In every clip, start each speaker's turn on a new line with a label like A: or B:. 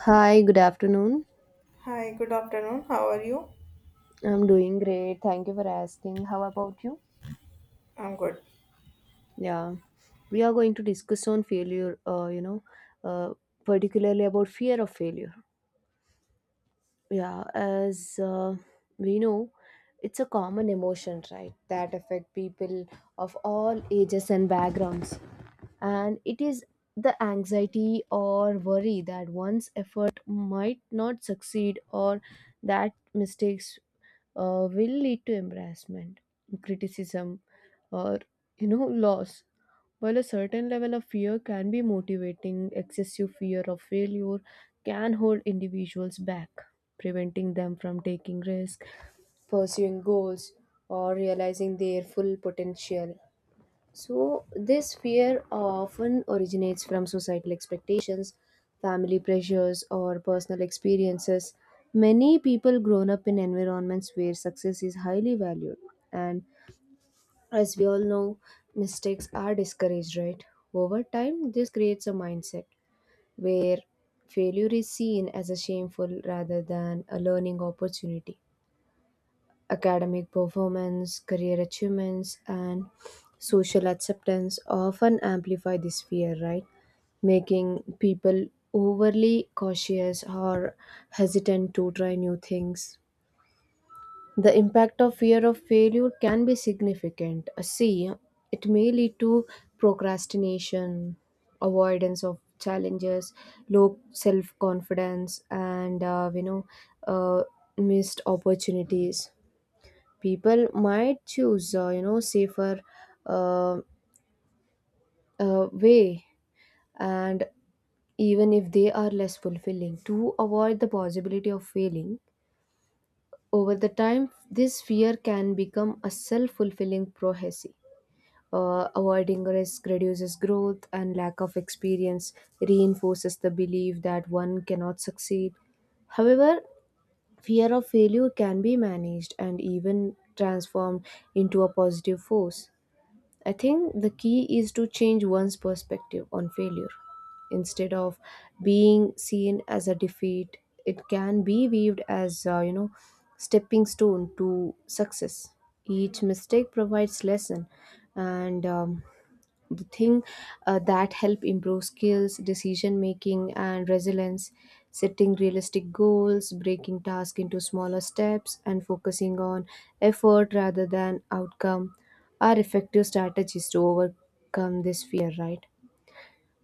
A: Hi, good afternoon.
B: Hi, good afternoon. How are you?
A: I'm doing great. Thank you for asking. How about you?
B: I'm good.
A: Yeah, we are going to discuss on failure, uh, particularly about fear of failure. Yeah, as we know it's a common emotion, right, that affect people of all ages and backgrounds, and it is the anxiety or worry that one's effort might not succeed, or that mistakes will lead to embarrassment, criticism, or loss. While a certain level of fear can be motivating, excessive fear of failure can hold individuals back, preventing them from taking risks, pursuing goals, or realizing their full potential. So, this fear often originates from societal expectations, family pressures, or personal experiences. Many people grown up in environments where success is highly valued, and as we all know, mistakes are discouraged, right? Over time, this creates a mindset where failure is seen as a shameful rather than a learning opportunity. Academic performance, career achievements, and social acceptance often amplify this fear, right? Making people overly cautious or hesitant to try new things. The impact of fear of failure can be significant. See, it may lead to procrastination, avoidance of challenges, low self confidence, and uh, missed opportunities. People might choose, safer uh, way, and even if they are less fulfilling, to avoid the possibility of failing. Over the time, this fear can become a self fulfilling prophecy. Avoiding risk reduces growth, and lack of experience reinforces the belief that one cannot succeed. However, fear of failure can be managed and even transformed into a positive force. I think the key is to change one's perspective on failure. Instead of being seen as a defeat, it can be viewed as, stepping stone to success. Each mistake provides lesson, and the thing that help improve skills, decision making, and resilience. Setting realistic goals, breaking tasks into smaller steps, and focusing on effort rather than outcome are effective strategies to overcome this fear, right?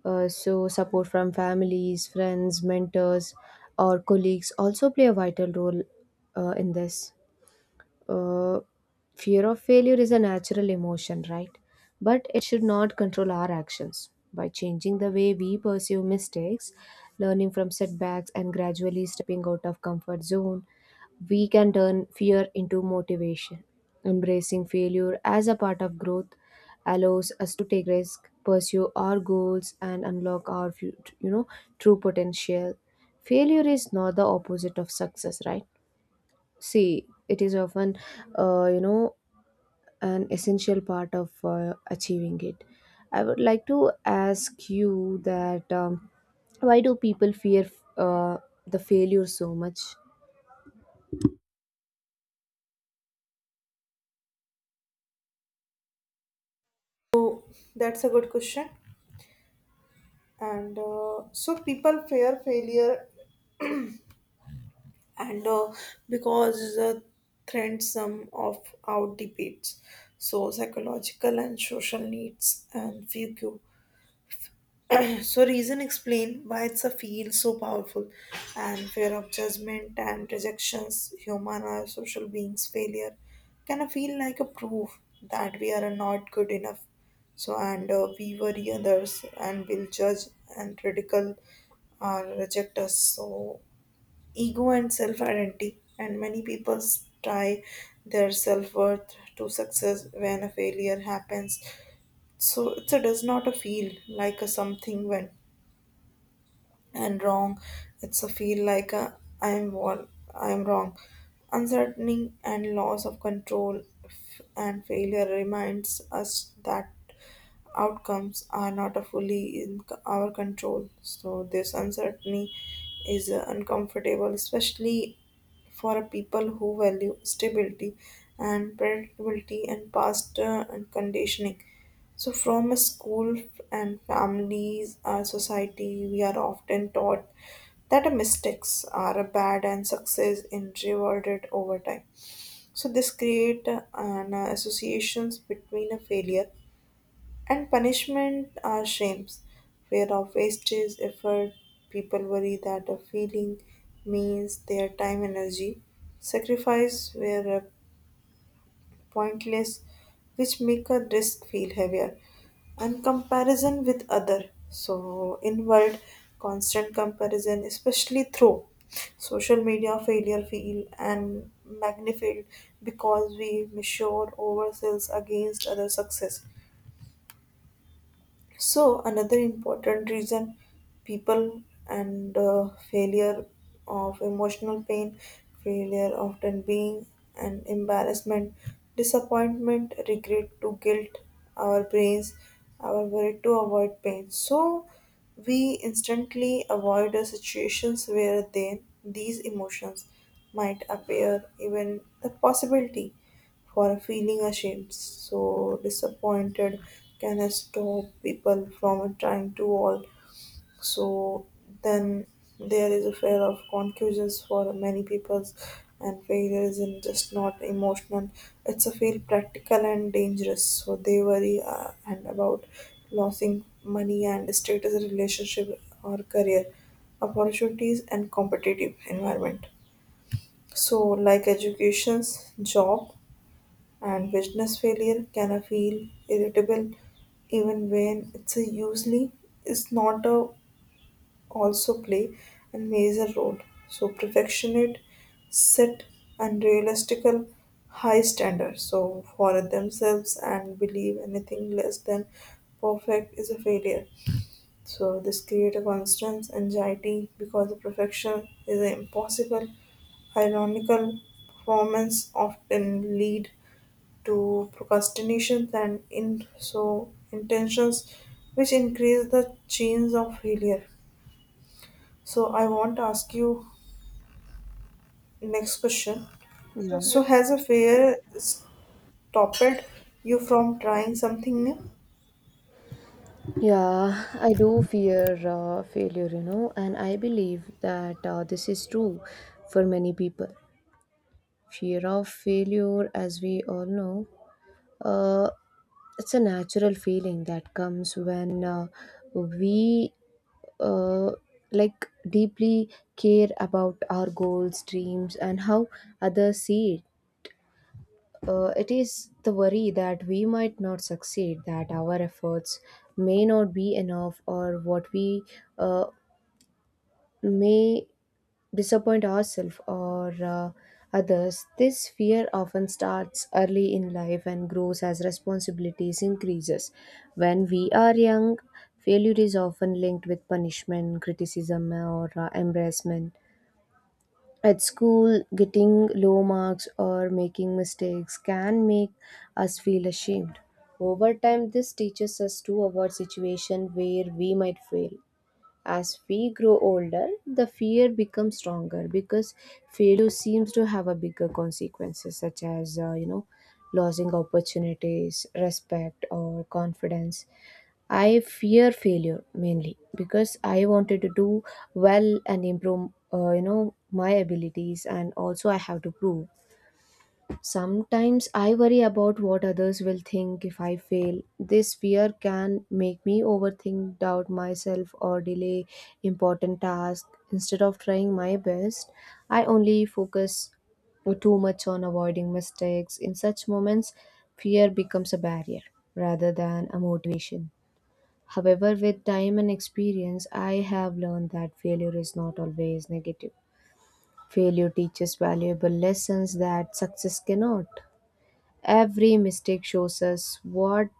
A: So support from families, friends, mentors, or colleagues also play a vital role in this uh, Fear of failure is a natural emotion, right? But it should not control our actions. By changing the way we pursue mistakes, learning from setbacks, and gradually stepping out of comfort zone, we can turn fear into motivation. Embracing failure as a part of growth allows us to take risks, pursue our goals, and unlock our true potential. Failure is not the opposite of success, right? See, it is often, uh, you know, an essential part of achieving it. I would like to ask you that why do people fear uh, the failure so much?
B: So that's a good question. And so people fear failure, and because trends some of out debates, so psychological and social needs and few. So reason explain why it's a feel so powerful and fear of judgment and rejections, human or social beings failure can I feel like a proof that we are not good enough. So and we worry others and will judge and ridicule or reject us. So ego and self identity and many people tie their self worth to success when a failure happens. So it does not a feel like a something went and wrong. It's a feel like a, I'm wrong, I'm wrong. Uncertainty and loss of control and failure reminds us that outcomes are not a fully in our control. So this uncertainty is uncomfortable, especially for people who value stability and predictability and past and conditioning. So, from a school and families, our society, we are often taught that our mistakes are bad and success is rewarded over time. So, this create an associations between a failure and punishment are shames, fear of wastage, effort. People worry that a feeling means their time, energy, sacrifice were pointless, which make a risk feel heavier. And comparison with other, so inward, constant comparison, especially through social media, failure feel and magnified because we measure ourselves against other success. So another important reason people and failure of emotional pain, failure often being an embarrassment, disappointment, regret to guilt, our brains, our worry to avoid pain. So we instantly avoid the situations where then these emotions might appear, even the possibility for feeling ashamed. So disappointed can stop people from trying to all. So then there is a fear of conclusions for many people, and failure isn't just not emotional. It's a feel practical and dangerous. So they worry and about losing money and status, relationship or career opportunities and competitive environment, so like educations job and business failure can I feel irritable even when it's a usually it's not a also play a major role. So perfectionist set unrealistic high standards so for themselves and believe anything less than perfect is a failure. So this creates a constant anxiety because the perfection is impossible. Ironical performance often lead to procrastinations and in so intentions which increase the chance of failure. So I want to ask you next question. So has a failure stopped you from trying something new?
A: Yeah, I do fear failure, and I believe that this is true for many people. Fear of failure, as we all know, uh, it's a natural feeling that comes when we uh, like deeply care about our goals, dreams, and how others see it. It is the worry that we might not succeed, that our efforts may not be enough, or what we uh, may disappoint ourselves or others. This fear often starts early in life and grows as responsibilities increases. When we are young, failure is often linked with punishment, criticism, or embarrassment. At school, getting low marks or making mistakes can make us feel ashamed. Over time, this teaches us to avoid situations where we might fail. As we grow older, the fear becomes stronger because failure seems to have a bigger consequences, such as losing opportunities, respect, or confidence. I fear failure mainly because I wanted to do well and improve, my abilities, and also I have to prove. Sometimes I worry about what others will think if I fail. This fear can make me overthink, doubt myself, or delay important tasks. Instead of trying my best, I only focus too much on avoiding mistakes. In such moments, fear becomes a barrier rather than a motivation. However, with time and experience, I have learned that failure is not always negative. Failure teaches valuable lessons that success cannot. Every mistake shows us what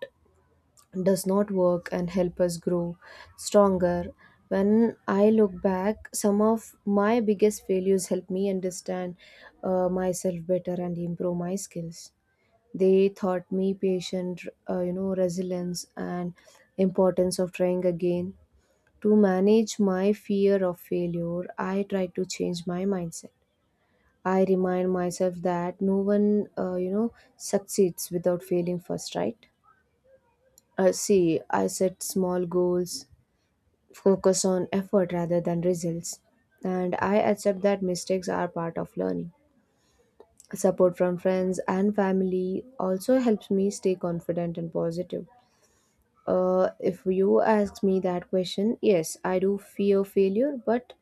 A: does not work and help us grow stronger. When I look back, some of my biggest failures helped me understand myself better and improve my skills. They taught me patient, resilience and importance of trying again. To manage my fear of failure, I tried to change my mindset. I remind myself that no one, succeeds without failing first, right? See, I set small goals, focus on effort rather than results, and I accept that mistakes are part of learning. Support from friends and family also helps me stay confident and positive. If you ask me that question, yes, I do fear failure, but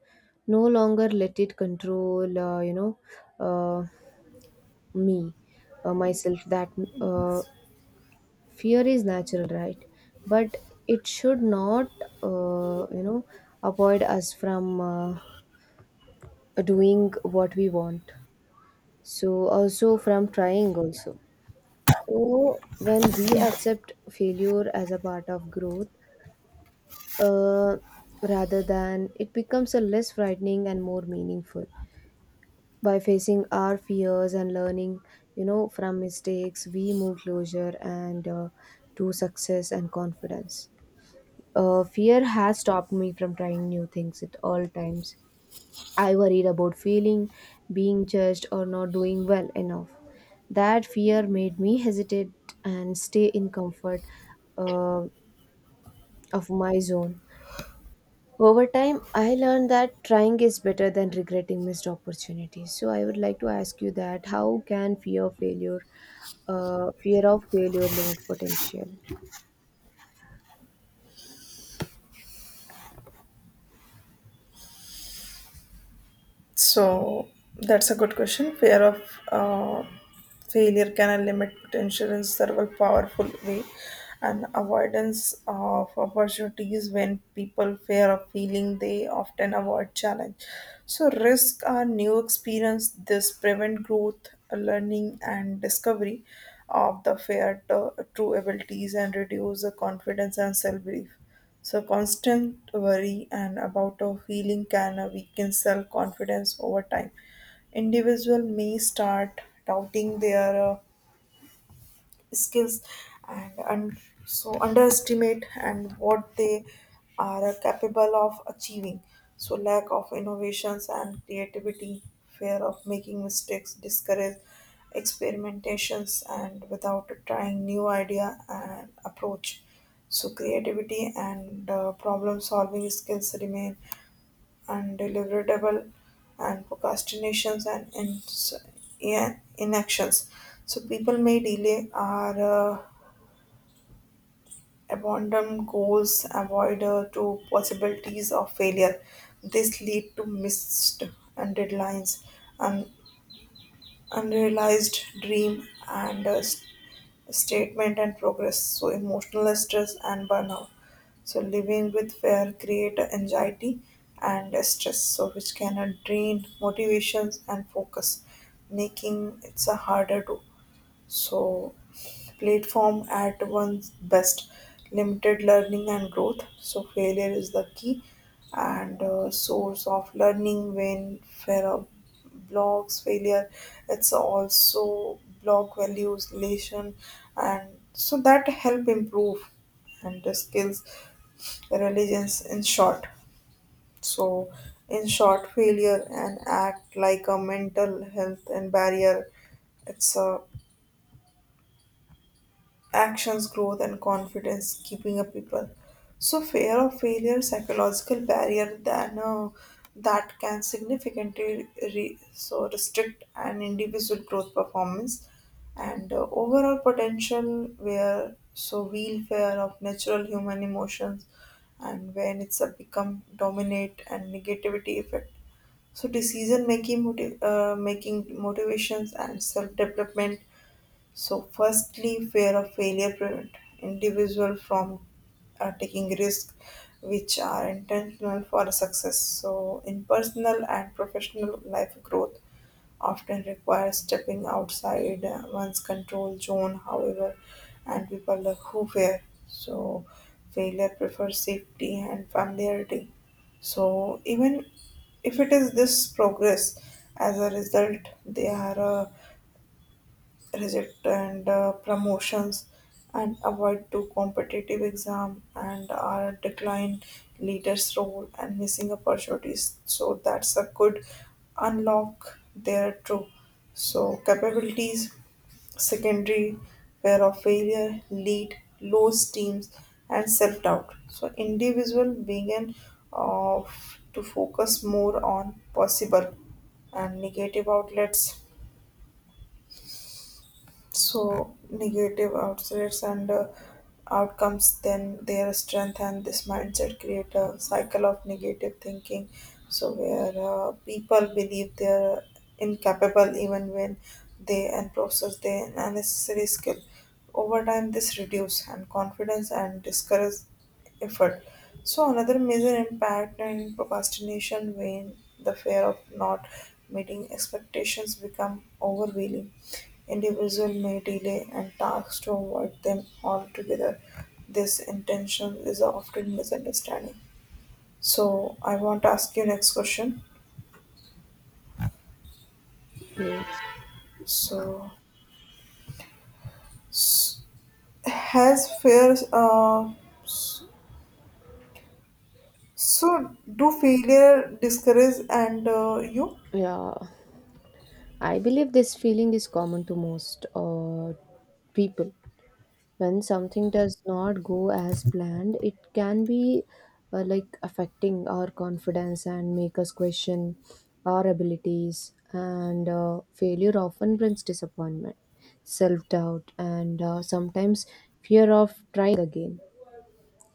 A: no longer let it control, uh, me myself. That uh, Fear is natural, right? But it should not uh, you know avoid us from doing what we want, so also from trying also. So when we accept failure as a part of growth, uh, rather, than it becomes a less frightening and more meaningful. By facing our fears and learning, from mistakes, we move closer and to success and confidence. Fear has stopped me from trying new things at all times. I worried about failing, being judged, or not doing well enough. That fear made me hesitate and stay in comfort uh, of my zone. Over time, I learned that trying is better than regretting missed opportunities. So I would like to ask you that how can fear of failure, fear of failure limit potential?
B: So that's a good question. Fear of failure can limit potential in several powerful way, and avoidance of opportunities when people fear of failing, they often avoid challenge. So risk are new experience. This prevent growth, learning, and discovery of the fear to true abilities and reduce the confidence and self belief. So constant worry and about of feeling can weaken self confidence over time. Individual may start doubting their skills and so underestimate and what they are capable of achieving, so lack of innovations and creativity, fear of making mistakes discourage experimentations and without trying new idea and approach, so creativity and problem solving skills remain undeliverable and procrastinations and yeah, inactions. So people may delay or abandon goals, avoid to possibilities of failure. This lead to missed and deadlines, and unrealized dream and statement and progress, so emotional stress and burnout, so living with fear create anxiety and stress, so which can drain motivations and focus making it's a harder to, so, platform at one's best, limited learning and growth. So, failure is the key and source of learning. When Farah blocks failure, it's also block values, relation, and so that help improve and the skills, religions in short. So, in short, failure and act like a mental health and barrier. It's a actions, growth, and confidence, keeping up people. So, fear of failure, psychological barrier that that can significantly so restrict an individual growth performance and overall potential. Where so real fear of natural human emotions, and when it's a become dominate and negativity effect. So decision making, making motivations and self development, so, firstly, fear of failure prevent individual from taking risks which are intentional for success. So, in personal and professional life, growth often requires stepping outside one's control zone. However, and people who fear, so failure prefers safety and familiarity. So, even if it is this progress, as a result, they are reject and promotions and avoid too competitive exam and decline leaders role and missing opportunities, so that's a good unlock there too so capabilities, secondary fear of failure lead low teams and self-doubt, so individual being of to focus more on possible and negative outlets, so negative outlets and outcomes then their strength, and this mindset create a cycle of negative thinking so where people believe they're incapable even when they and process their unnecessary skill. Over time this reduce and confidence and discourage effort. So another major impact in procrastination when the fear of not meeting expectations become overwhelming. Individual may delay and tasks to avoid them altogether. This intention is often misunderstanding. So I want to ask you next question.
A: Yes.
B: So s- has fear s- so do failure discourage and you?
A: Yeah, I believe this feeling is common to most people. When something does not go as planned, it can be like affecting our confidence and make us question our abilities, and failure often brings disappointment, self-doubt, and sometimes fear of trying again.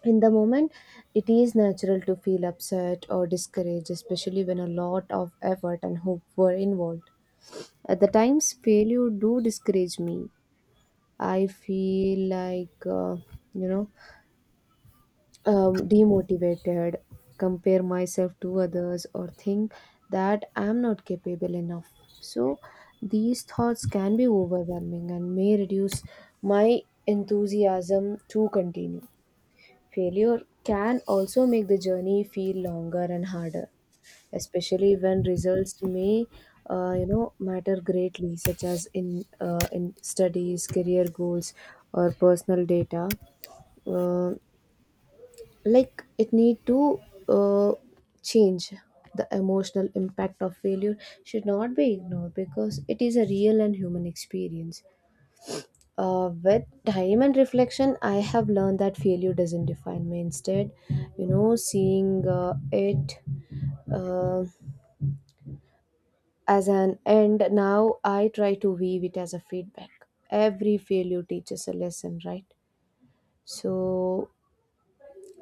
A: In the moment, it is natural to feel upset or discouraged, especially when a lot of effort and hope were involved. At the times, failure do discourage me. I feel like you know demotivated, compare myself to others, or think that I'm not capable enough. So, these thoughts can be overwhelming and may reduce my enthusiasm to continue. Failure can also make the journey feel longer and harder, especially when results may, matter greatly, such as in studies, career goals, or personal data. Uh, like it need to uh, change the emotional impact of failure. Should not be ignored because it is a real and human experience. With time and reflection, I have learned that failure doesn't define me. Instead, seeing it uh, as an end, now I try to weave it as a feedback. Every failure teaches a lesson, right? So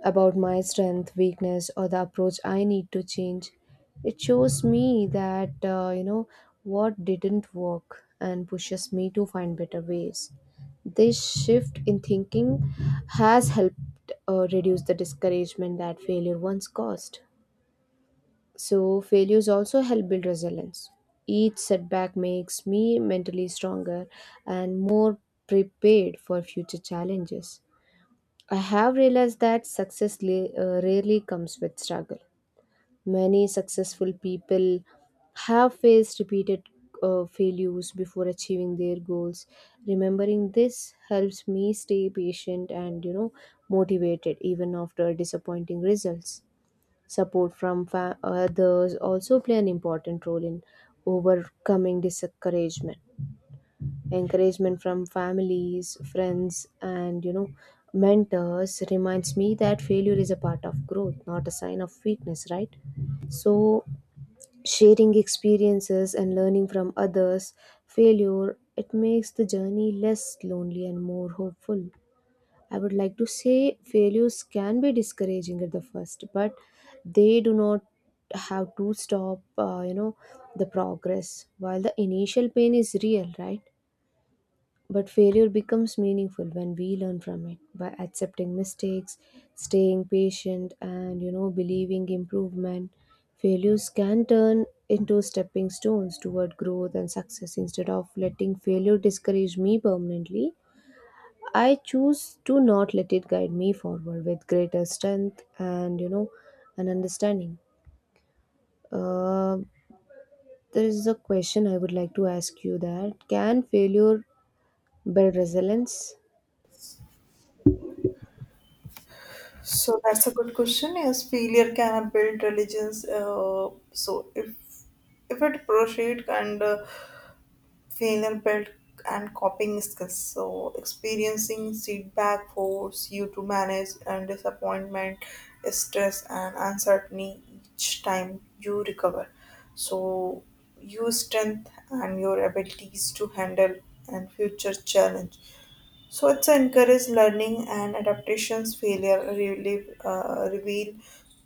A: about my strength, weakness, or the approach I need to change. It shows me that, what didn't work and pushes me to find better ways. This shift in thinking has helped reduce the discouragement that failure once caused. So, failures also help build resilience. Each setback makes me mentally stronger and more prepared for future challenges. I have realized that success rarely comes with struggle. Many successful people have faced repeated failures before achieving their goals. Remembering this helps me stay patient and, motivated even after disappointing results. Support from others also play an important role in overcoming discouragement. Encouragement from families, friends, and, mentors reminds me that failure is a part of growth, not a sign of weakness, right? So, sharing experiences and learning from others, failure, it makes the journey less lonely and more hopeful. I would like to say failures can be discouraging at the first, but they do not have to stop, the progress. While the initial pain is real, right? But failure becomes meaningful when we learn from it by accepting mistakes, staying patient, and, believing improvement. Failures can turn into stepping stones toward growth and success instead of letting failure discourage me permanently. I choose to not let it guide me forward with greater strength and, an understanding. Uh, there is a question I would like to ask you that can failure build resilience?
B: So that's a good question. Yes, failure can build religions. So if it proceed and failure build and coping skills. So experiencing feedback force you to manage and disappointment, stress and uncertainty each time you recover. So your strength and your abilities to handle and future challenge. So it's encourage learning and adaptations failure relieve, reveal.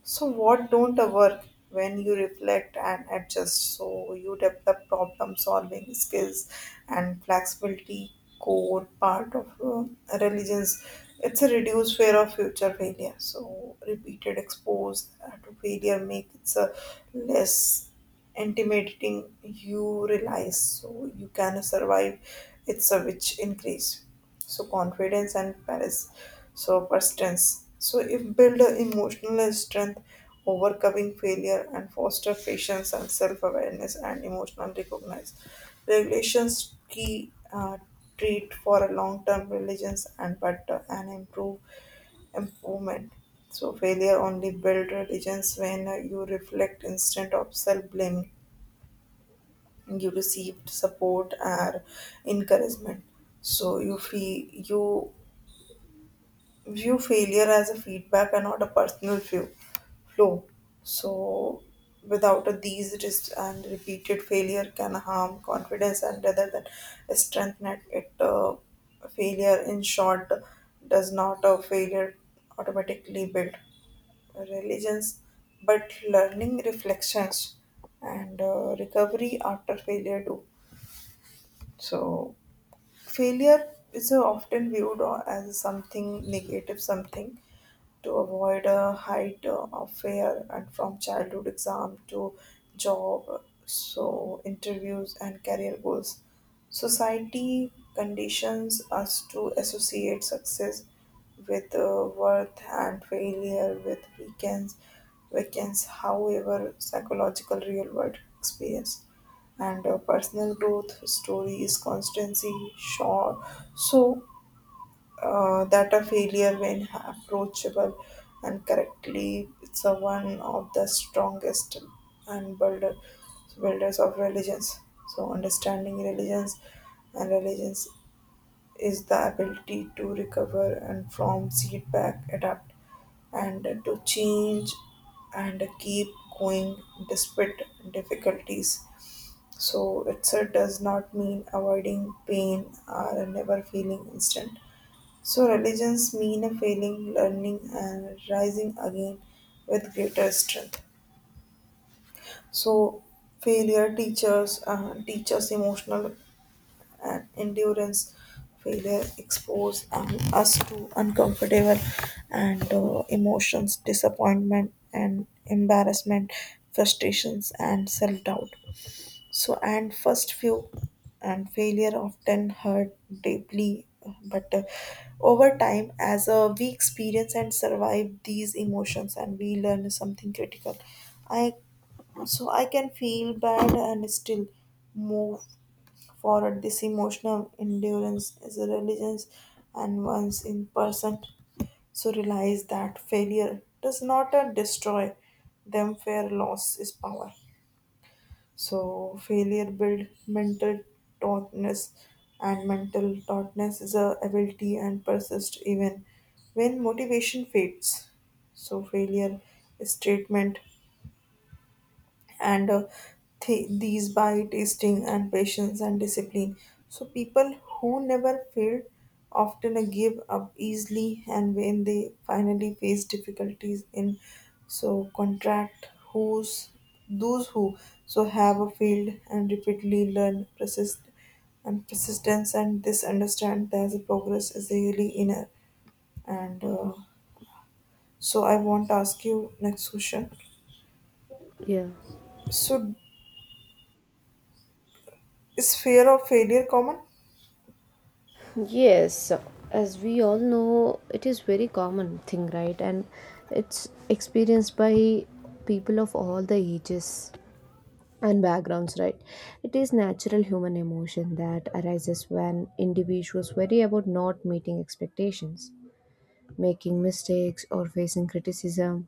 B: So what don't work when you reflect and adjust. So you develop problem solving skills and flexibility core part of religions. It's a reduced fear of future failure. So repeated expose to failure make it's a less intimidating, you realize so you can survive it's a which increase so confidence and paris, so persistence, so if build a emotional strength overcoming failure and foster patience and self-awareness and emotional recognize regulations key treat for a long-term religions and but an improvement so failure only build religions when you reflect instead of self-blaming, you received support or encouragement, so you feel you view failure as a feedback and not a personal view flow. So without a, these just and repeated failure can harm confidence and rather than strengthen it, failure in short does not a failure automatically build religions but learning reflections and recovery after failure do. So failure is often viewed as something negative, something to avoid a height of fear and from childhood exam to job so interviews and career goals, society conditions us to associate success with worth and failure with weekends, weekends, however psychological real world experience and personal growth stories constancy sure. So that a failure when approachable and correctly it's a one of the strongest and builders of religions, so understanding religions and religions is the ability to recover and from setback adapt and to change and keep going despite difficulties. So it does not mean avoiding pain or never feeling instant. So, religions mean a failing, learning, and rising again with greater strength. So, failure teachers emotional and endurance. Failure expose us to uncomfortable and emotions, disappointment and embarrassment, frustrations and self doubt. So, and first few and failure often hurt deeply, but over time, as we experience and survive these emotions, and we learn something critical, I I can feel bad and still move forward. This emotional endurance is a religion, and once in person, so realize that failure does not destroy them. Fair loss is power. So failure build mental toughness, and mental toughness is a ability and persist even when motivation fades. So failure is treatment and these by tasting and patience and discipline. So people who never fail often give up easily, and when they finally face difficulties in so contract who's those who so have failed and repeatedly learn persist and persistence, and this understand that the progress is really inner and so I want to ask you next question.
A: Yeah.
B: So is fear of failure common?
A: Yes, as we all know, it is very common thing, right? And it's experienced by people of all the ages and backgrounds, right? It is natural human emotion that arises when individuals worry about not meeting expectations, making mistakes, or facing criticism.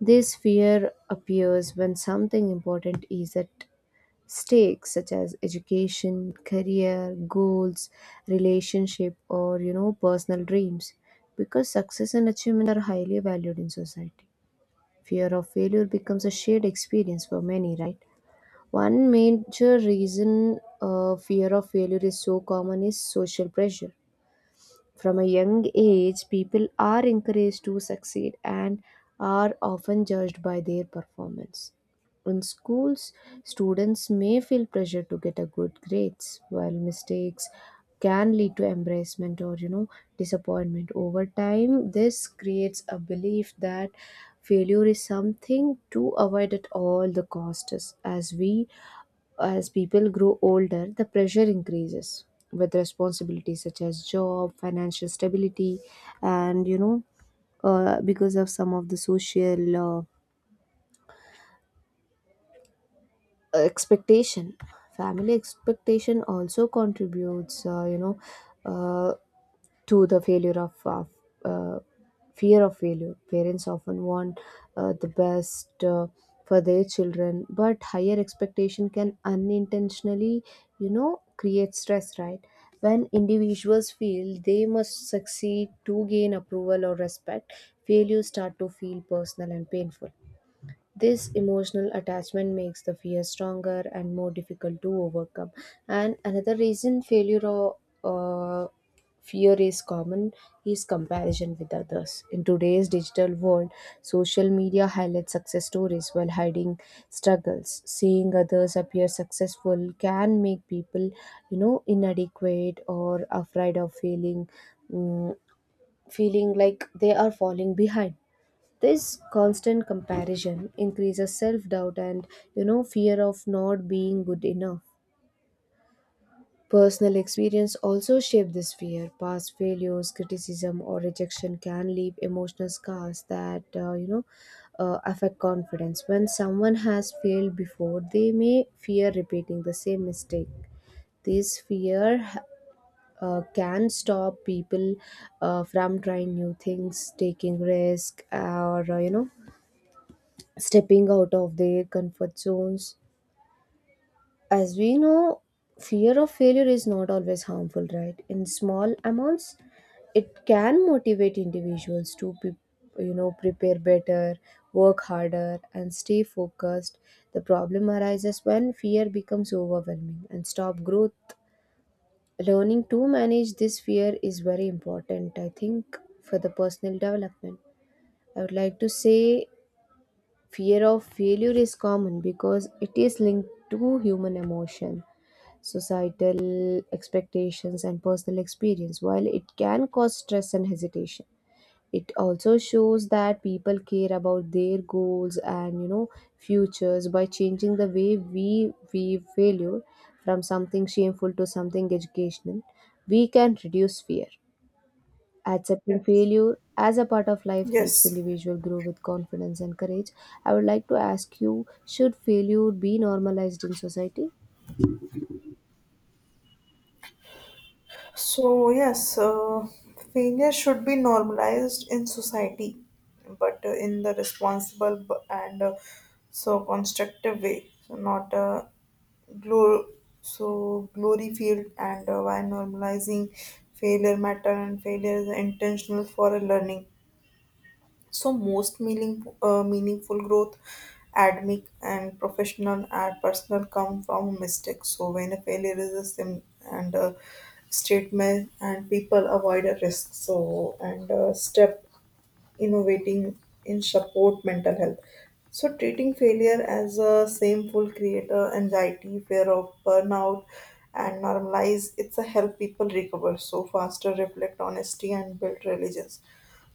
A: This fear appears when something important is at stakes, such as education, career, goals, relationship, or, personal dreams. Because success and achievement are highly valued in society. Fear of failure becomes a shared experience for many, right? One major reason fear of failure is so common is social pressure. From a young age, people are encouraged to succeed and are often judged by their performance. In schools, students may feel pressure to get a good grades, while mistakes can lead to embarrassment or, disappointment. Over time, this creates a belief that failure is something to avoid at all the costs. As people grow older, the pressure increases with responsibilities such as job, financial stability, and, because of some of the social expectation. Family expectation also contributes, uh, to the failure of uh, fear of failure. Parents often want the best for their children, but higher expectation can unintentionally, create stress. Right? When individuals feel they must succeed to gain approval or respect, failures start to feel personal and painful. This emotional attachment makes the fear stronger and more difficult to overcome. And another reason failure or uh, fear is common is comparison with others. In today's digital world, social media highlights success stories while hiding struggles. Seeing others appear successful can make people, inadequate or afraid of feeling, mm, feeling like they are falling behind. This constant comparison increases self doubt and, fear of not being good enough. Personal experience also shape this fear. Past failures, criticism, or rejection can leave emotional scars that, affect confidence. When someone has failed before, they may fear repeating the same mistake. This fear can stop people from trying new things, taking risk, or, stepping out of their comfort zones. As we know, fear of failure is not always harmful, right? In small amounts, it can motivate individuals to be, prepare better, work harder, and stay focused. The problem arises when fear becomes overwhelming and stop growth. Learning to manage this fear is very important, I think, for the personal development. I would like to say, fear of failure is common because it is linked to human emotion, societal expectations, and personal experience. While it can cause stress and hesitation, it also shows that people care about their goals and, futures. By changing the way we view failure from something shameful to something educational. We can reduce fear. Accepting failure as a part of life helps
B: Yes.
A: individual grow with confidence and courage. I would like to ask you, should failure be normalized in society?
B: So, yes, failure should be normalized in society, but in the responsible b- and so constructive way, so not glor- so glory field. And while normalizing failure matter and failure is intentional for a learning. So most meaningful growth, academic and professional and personal, come from mistakes. So when a failure is a sim and a statement, and people avoid a risk. So and step innovating in support mental health. So treating failure as a shameful creator, anxiety, fear of burnout, and normalize it's a help people recover. So faster reflect honesty and build religions.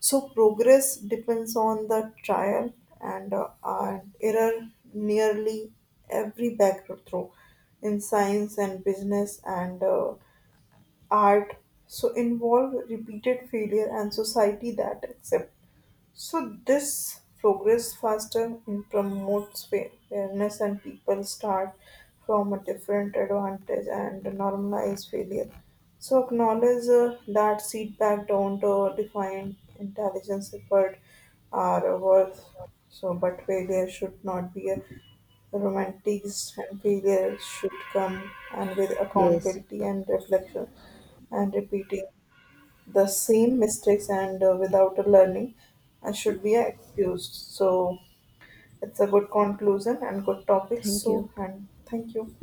B: So progress depends on the trial and error, nearly every breakthrough in science and business and art. So involve repeated failure and society that accept so this progress faster and promotes fairness and people start from a different advantage and normalize failure. So acknowledge that feedback don't define intelligence effort are worth. So but failure should not be a romantic and failure should come and with
A: Yes.
B: accountability and reflection and repeating the same mistakes and without a learning should be excused. So it's a good conclusion and good topic.
A: Thank
B: So
A: you.
B: and thank you.